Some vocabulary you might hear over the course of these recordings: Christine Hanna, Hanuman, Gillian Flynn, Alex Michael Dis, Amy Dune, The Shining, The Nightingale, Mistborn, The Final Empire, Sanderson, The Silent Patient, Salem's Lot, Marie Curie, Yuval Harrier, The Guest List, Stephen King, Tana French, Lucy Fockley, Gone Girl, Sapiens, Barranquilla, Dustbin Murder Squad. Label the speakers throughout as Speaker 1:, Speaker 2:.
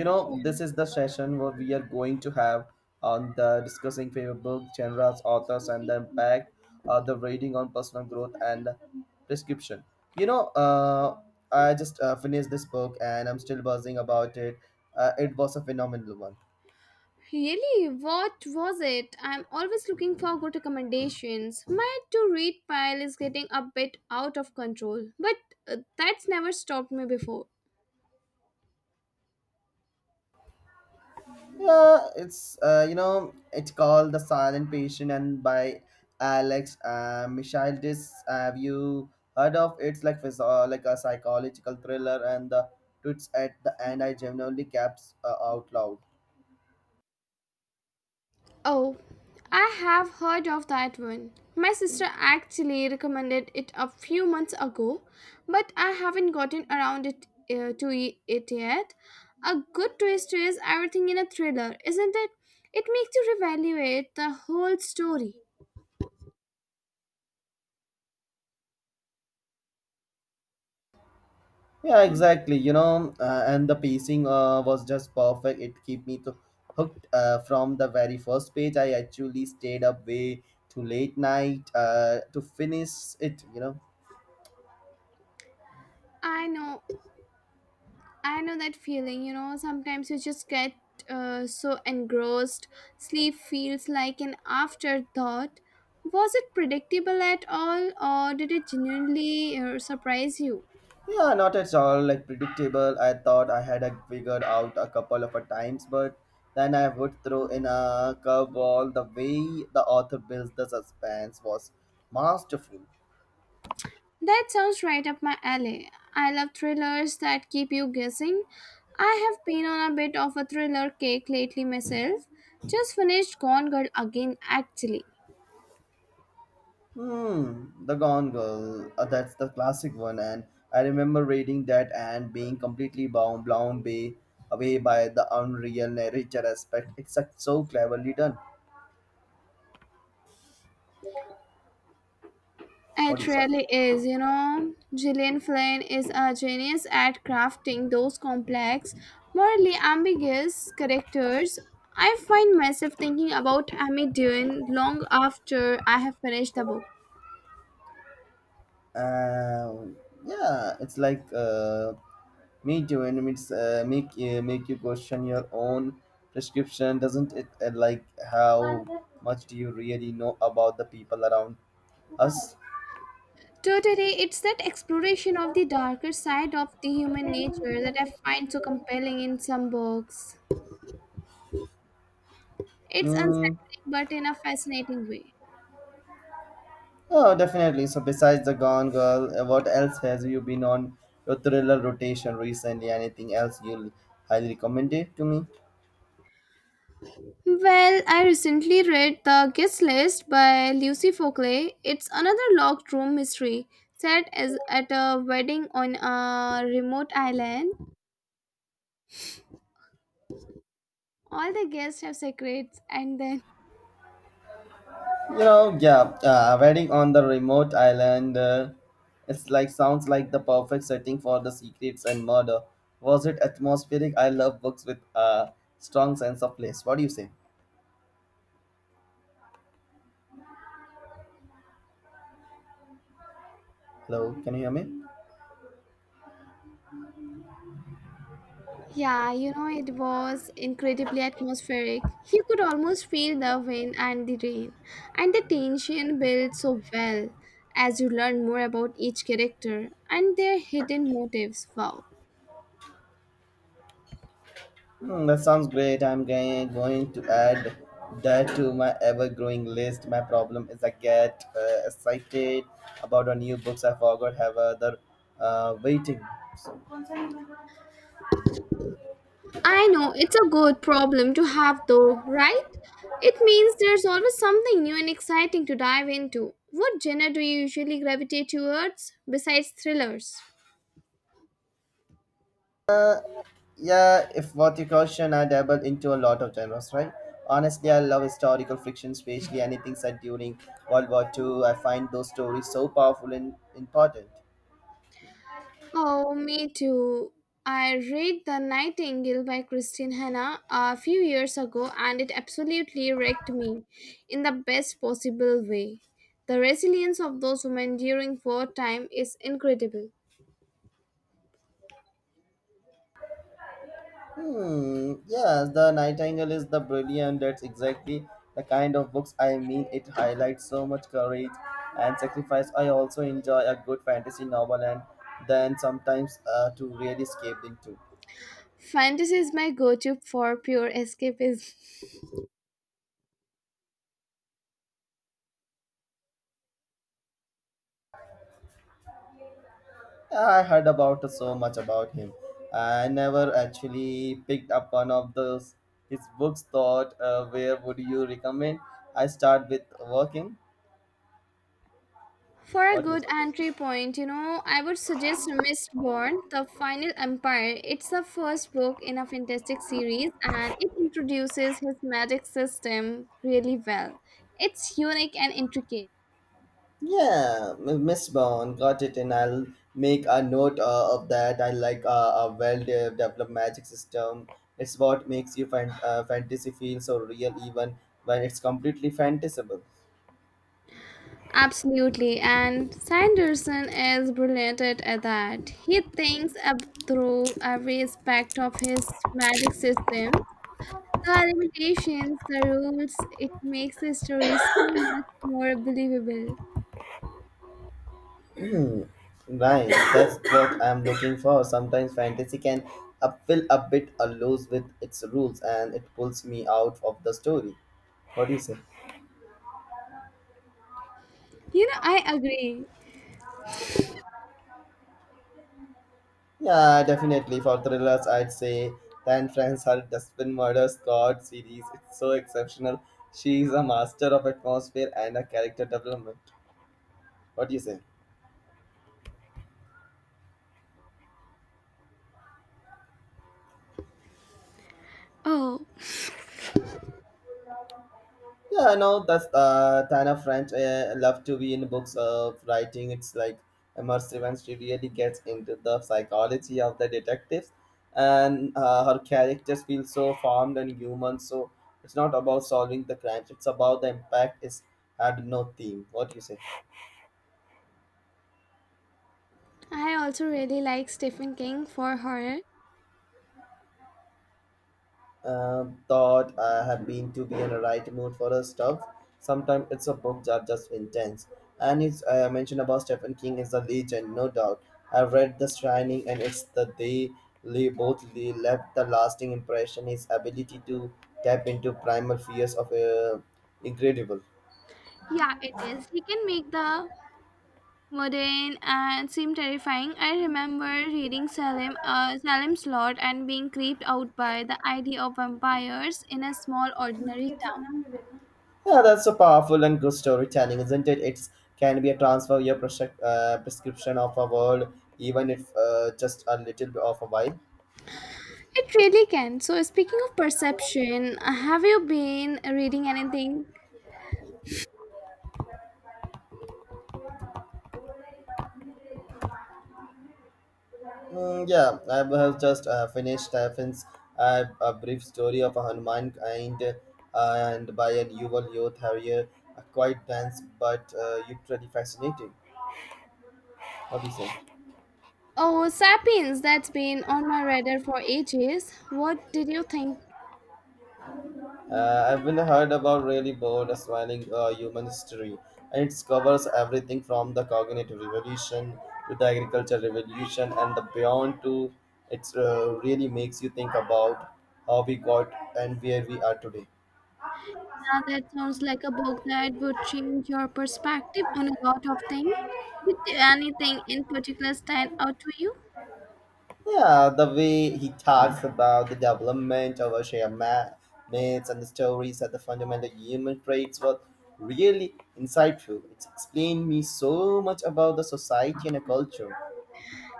Speaker 1: You know, this is the session where we are going to have on the discussing favorite book genres, authors, and the impact the reading on personal growth and prescription. you know uh, I just finished this book and I'm still buzzing about it. It was a phenomenal one.
Speaker 2: Really, what was it? I'm always looking for good recommendations. My to read pile is getting a bit out of control, but that's never stopped me before.
Speaker 1: Yeah, it's it's called The Silent Patient and by Alex Michael Dis. Have you heard of It's like like a psychological thriller, and the twists at the end I genuinely gaps out loud.
Speaker 2: Oh, I have heard of that one. My sister actually recommended it a few months ago, but I haven't gotten around it to e- it yet. A good twist is everything in a thriller, isn't it? It makes you reevaluate the whole story.
Speaker 1: Yeah, exactly. And the pacing was just perfect. It keep me to hooked from the very first page. I actually stayed up way too late night to finish it.
Speaker 2: I know I know that feeling, you know, sometimes you just get so engrossed. Sleep feels like an afterthought. Was it predictable at all, or did it genuinely surprise you?
Speaker 1: Yeah, not at all like predictable. I thought I had it figured out a couple of a times, but then I would throw in a curveball. The way the author builds the suspense was masterful.
Speaker 2: That sounds right up my alley. I love thrillers that keep you guessing. I have been on a bit of a thriller kick lately myself. Just finished Gone Girl again, actually.
Speaker 1: Hmm, The Gone Girl. That's the classic one, and I remember reading that and being completely blown away by the unreal narrator aspect. It's so cleverly done. What do
Speaker 2: It
Speaker 1: you say?
Speaker 2: really is, you know. Gillian Flynn is a genius at crafting those complex, morally ambiguous characters. I find myself thinking about Amy Dune long after I have finished the book.
Speaker 1: Um yeah, it's like me too, and it's make you question your own prescription, doesn't it? Like how much do you really know about the people around us?
Speaker 2: Totally, it's that exploration of the darker side of the human nature that I find so compelling in some books. It's
Speaker 1: Mm,
Speaker 2: unsettling, but in a fascinating way.
Speaker 1: oh, definitely. So besides the Gone Girl, what else has you been on your thriller rotation recently? Anything else you'll highly recommend it to me?
Speaker 2: Well, I recently read The Guest List by Lucy Fockley. It's another locked room mystery set as at a wedding on a remote island. All the guests have secrets, and then,
Speaker 1: Yeah, wedding on the remote island. It's like sounds like the perfect setting for the secrets and murder. Was it atmospheric? I love books with a strong sense of place. What do you say? Hello, can you hear me?
Speaker 2: yeah, you know, it was incredibly atmospheric. You could almost feel the wind and the rain, and the tension built so well as you learn more about each character and their hidden motives. Wow.
Speaker 1: Hmm, that sounds great. I'm going to add that to my ever-growing list. My problem is I get excited about a new books I forgot have other waiting.
Speaker 2: I know it's a good problem to have though, right? It means there's always something new and exciting to dive into. What genre do you usually gravitate towards besides thrillers?
Speaker 1: Yeah, if what you question, I dabble into a lot of genres, right? Honestly, I love historical fiction, especially anything set during World War II. I find those stories so powerful and important.
Speaker 2: Oh, me too. I read The Nightingale by Christine Hanna a few years ago and it absolutely wrecked me in the best possible way. The resilience of those women during wartime is incredible.
Speaker 1: Hmm, yes, The Nightingale is the brilliant. That's exactly the kind of books I mean. It highlights so much courage and sacrifice. I also enjoy a good fantasy novel and then sometimes to really escape into.
Speaker 2: Fantasy is my go to for pure escapism.
Speaker 1: I heard about so much about him. I never actually picked up one of those his books. Thought, where would you recommend? I start with working.
Speaker 2: For a
Speaker 1: What you say?
Speaker 2: good entry point, you know, I would suggest Mistborn, The Final Empire. It's the first book in a fantastic series and it introduces his magic system really well. It's unique and intricate.
Speaker 1: Yeah, Miss Bond got it, and I'll make a note of that. I like a well-developed magic system. It's what makes you fantasy feel so real, even when it's completely fantasable.
Speaker 2: Absolutely, and Sanderson is brilliant at that. He thinks up through every aspect of his magic system, the limitations, the rules. It makes the story so much more believable.
Speaker 1: Right, that's what I'm looking for. Sometimes fantasy can feel a bit loose with its rules and it pulls me out of the story. What do you say?
Speaker 2: You know, I agree.
Speaker 1: Yeah, definitely. For thrillers, I'd say Dan Franz, her Dustbin Murder Squad series. It's so exceptional. She is a master of atmosphere and a character development. What do you say?
Speaker 2: Oh,
Speaker 1: Yeah, no, that's Tana French. I love to be in books of writing. It's like immersive and she really gets into the psychology of the detectives. And her characters feel so formed and human. So it's not about solving the crimes, it's about the impact it's had no theme. What do you say?
Speaker 2: I also really like Stephen King for horror.
Speaker 1: Thought I have been to be in a right mood for a stuff. Sometimes it's a book that just intense. And it's I mentioned about Stephen King is a legend, no doubt. I've read The Shining, and it's the they left the lasting impression. His ability to tap into primal fears of incredible.
Speaker 2: Yeah, it is. He can make the mundane and seem terrifying. I remember reading Salem's Lot and being creeped out by the idea of vampires in a small, ordinary town.
Speaker 1: Yeah, that's so powerful and good storytelling, isn't it? It can be a transfer your prescription of a world, even if just a little bit of a while.
Speaker 2: It really can. So, speaking of perception, have you been reading anything?
Speaker 1: Mm, yeah, I have just finished Stephen's a brief story of a Hanuman kind and by an Yuval youth. Harrier, quite dense but you pretty fascinating. What do you think?
Speaker 2: Oh, Sapiens, that's been on my radar for ages. What did you think?
Speaker 1: I've been heard about really bold, smiling human history, and it covers everything from the cognitive revolution to the agriculture revolution and the beyond. To it really makes you think about how we got and where we are today.
Speaker 2: Yeah, that sounds like a book that would change your perspective on a lot of things. Did anything in particular stand out to you?
Speaker 1: Yeah, the way he talks about the development of our shared myths and the stories are the fundamental human traits was really insightful. It explained me so much about the society and the culture.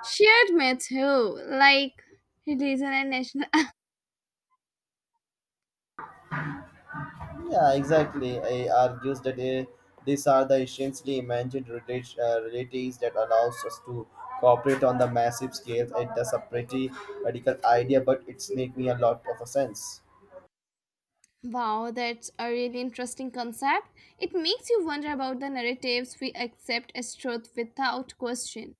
Speaker 2: Shared me too, like religion and national.
Speaker 1: Yeah, exactly. I argues that these are the essentially imagined realities that allows us to cooperate on the massive scale. It does a pretty radical idea, but it's making a lot of a sense.
Speaker 2: Wow, that's a really interesting concept. It makes you wonder about the narratives we accept as truth without question.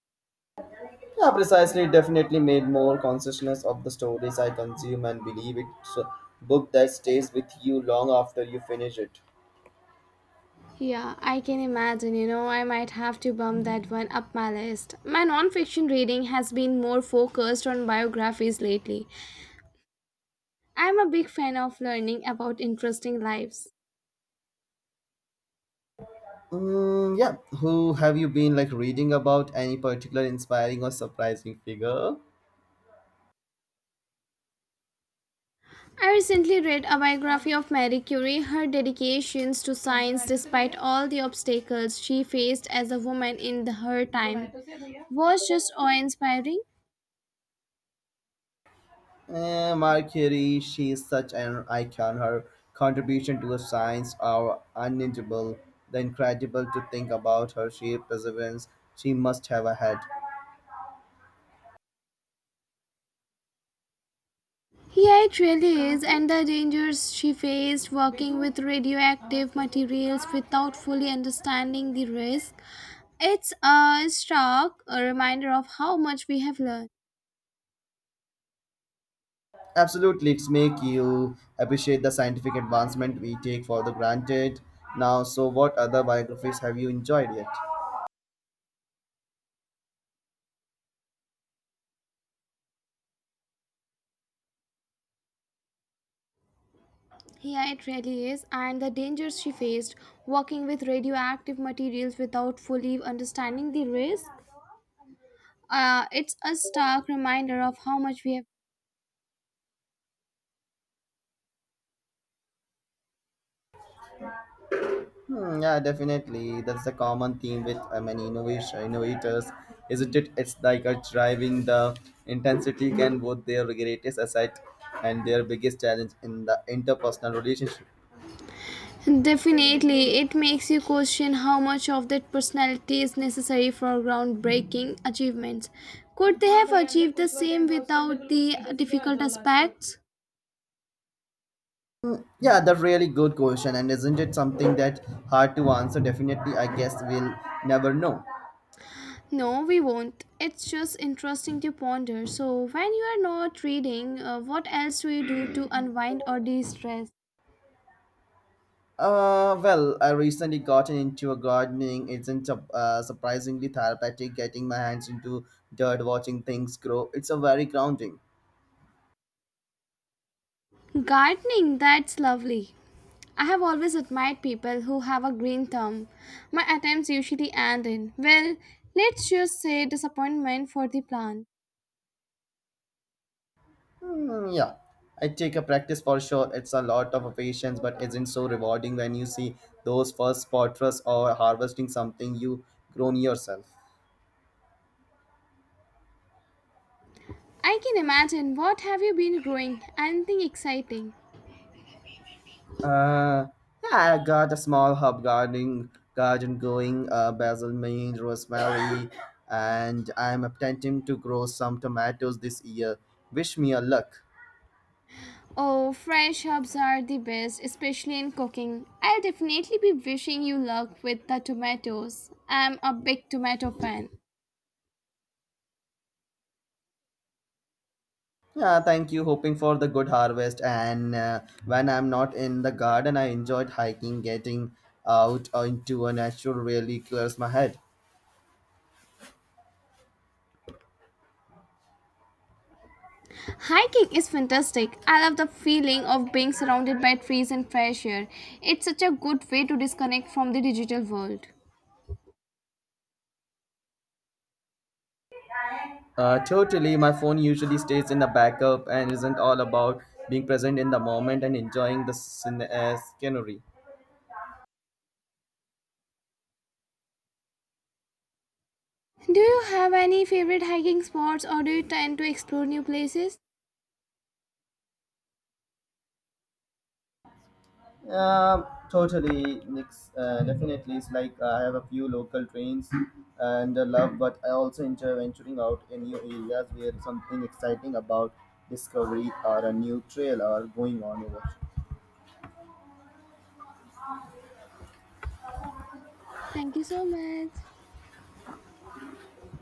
Speaker 1: Yeah, precisely. It definitely made more consciousness of the stories I consume and believe it's a book that stays with you long after you finish it.
Speaker 2: Yeah, I can imagine. You know, I might have to bump that one up my list. My non fiction reading has been more focused on biographies lately. I'm a big fan of learning about interesting lives.
Speaker 1: Mm, yeah. Who have you been like reading about? Any particular inspiring or surprising figure?
Speaker 2: I recently read a biography of Marie Curie, her dedications to science despite all the obstacles she faced as a woman in her time was just awe-inspiring.
Speaker 1: Eh, Mercury, she is such an icon. Her contribution to science are unnatural. The incredible to think about her sheer perseverance she must have had.
Speaker 2: Yeah, it really is, and the dangers she faced working with radioactive materials without fully understanding the risk. It's a stark reminder of how much we have learned.
Speaker 1: Absolutely, it's make you appreciate the scientific advancement we take for the granted now. So, what other biographies have you enjoyed yet?
Speaker 2: Yeah, it really is. And the dangers she faced working with radioactive materials without fully understanding the risk. It's a stark reminder of how much we have.
Speaker 1: Hmm, yeah, definitely. That's a common theme with many innovation innovators, isn't it? It's like a driving the intensity can both their greatest asset and their biggest challenge in the interpersonal relationship.
Speaker 2: Definitely, it makes you question how much of that personality is necessary for groundbreaking achievements. Could they have achieved the same without the difficult aspects?
Speaker 1: Yeah, that's really good question, and isn't it something that hard to answer? Definitely, I guess we'll never know.
Speaker 2: No, we won't. It's just interesting to ponder. So, when you are not reading, what else do you do to unwind or de stress?
Speaker 1: Well, I recently gotten into a gardening. Isn't surprisingly therapeutic getting my hands into dirt, watching things grow. It's a very grounding.
Speaker 2: Gardening, that's lovely. I have always admired people who have a green thumb. My attempts usually end in, well, let's just say disappointment for the plant.
Speaker 1: Hmm, yeah, I take a practice for sure. It's a lot of patience, but isn't so rewarding when you see those first spotters or harvesting something you grown yourself.
Speaker 2: I can imagine, what have you been growing? Anything exciting?
Speaker 1: Uh, yeah, I got a small herb garden going, basil, mint, rosemary, and I'm attempting to grow some tomatoes this year. Wish me a luck.
Speaker 2: Oh, fresh herbs are the best, especially in cooking. I'll definitely be wishing you luck with the tomatoes. I'm a big tomato fan.
Speaker 1: Yeah, thank you. Hoping for the good harvest. And when I'm not in the garden, I enjoyed hiking, getting out into a natural really clears my head.
Speaker 2: Hiking is fantastic. I love the feeling of being surrounded by trees and fresh air. It's such a good way to disconnect from the digital world.
Speaker 1: Totally. My phone usually stays in the backup and isn't all about being present in the moment and enjoying the scenery.
Speaker 2: Do you have any favorite hiking spots or do you tend to explore new places?
Speaker 1: Yeah, totally, Nix. Definitely, it's like I have a few local trains and love, but I also enjoy venturing out in new areas where something exciting about discovery or a new trail are going on over.
Speaker 2: Thank you so much.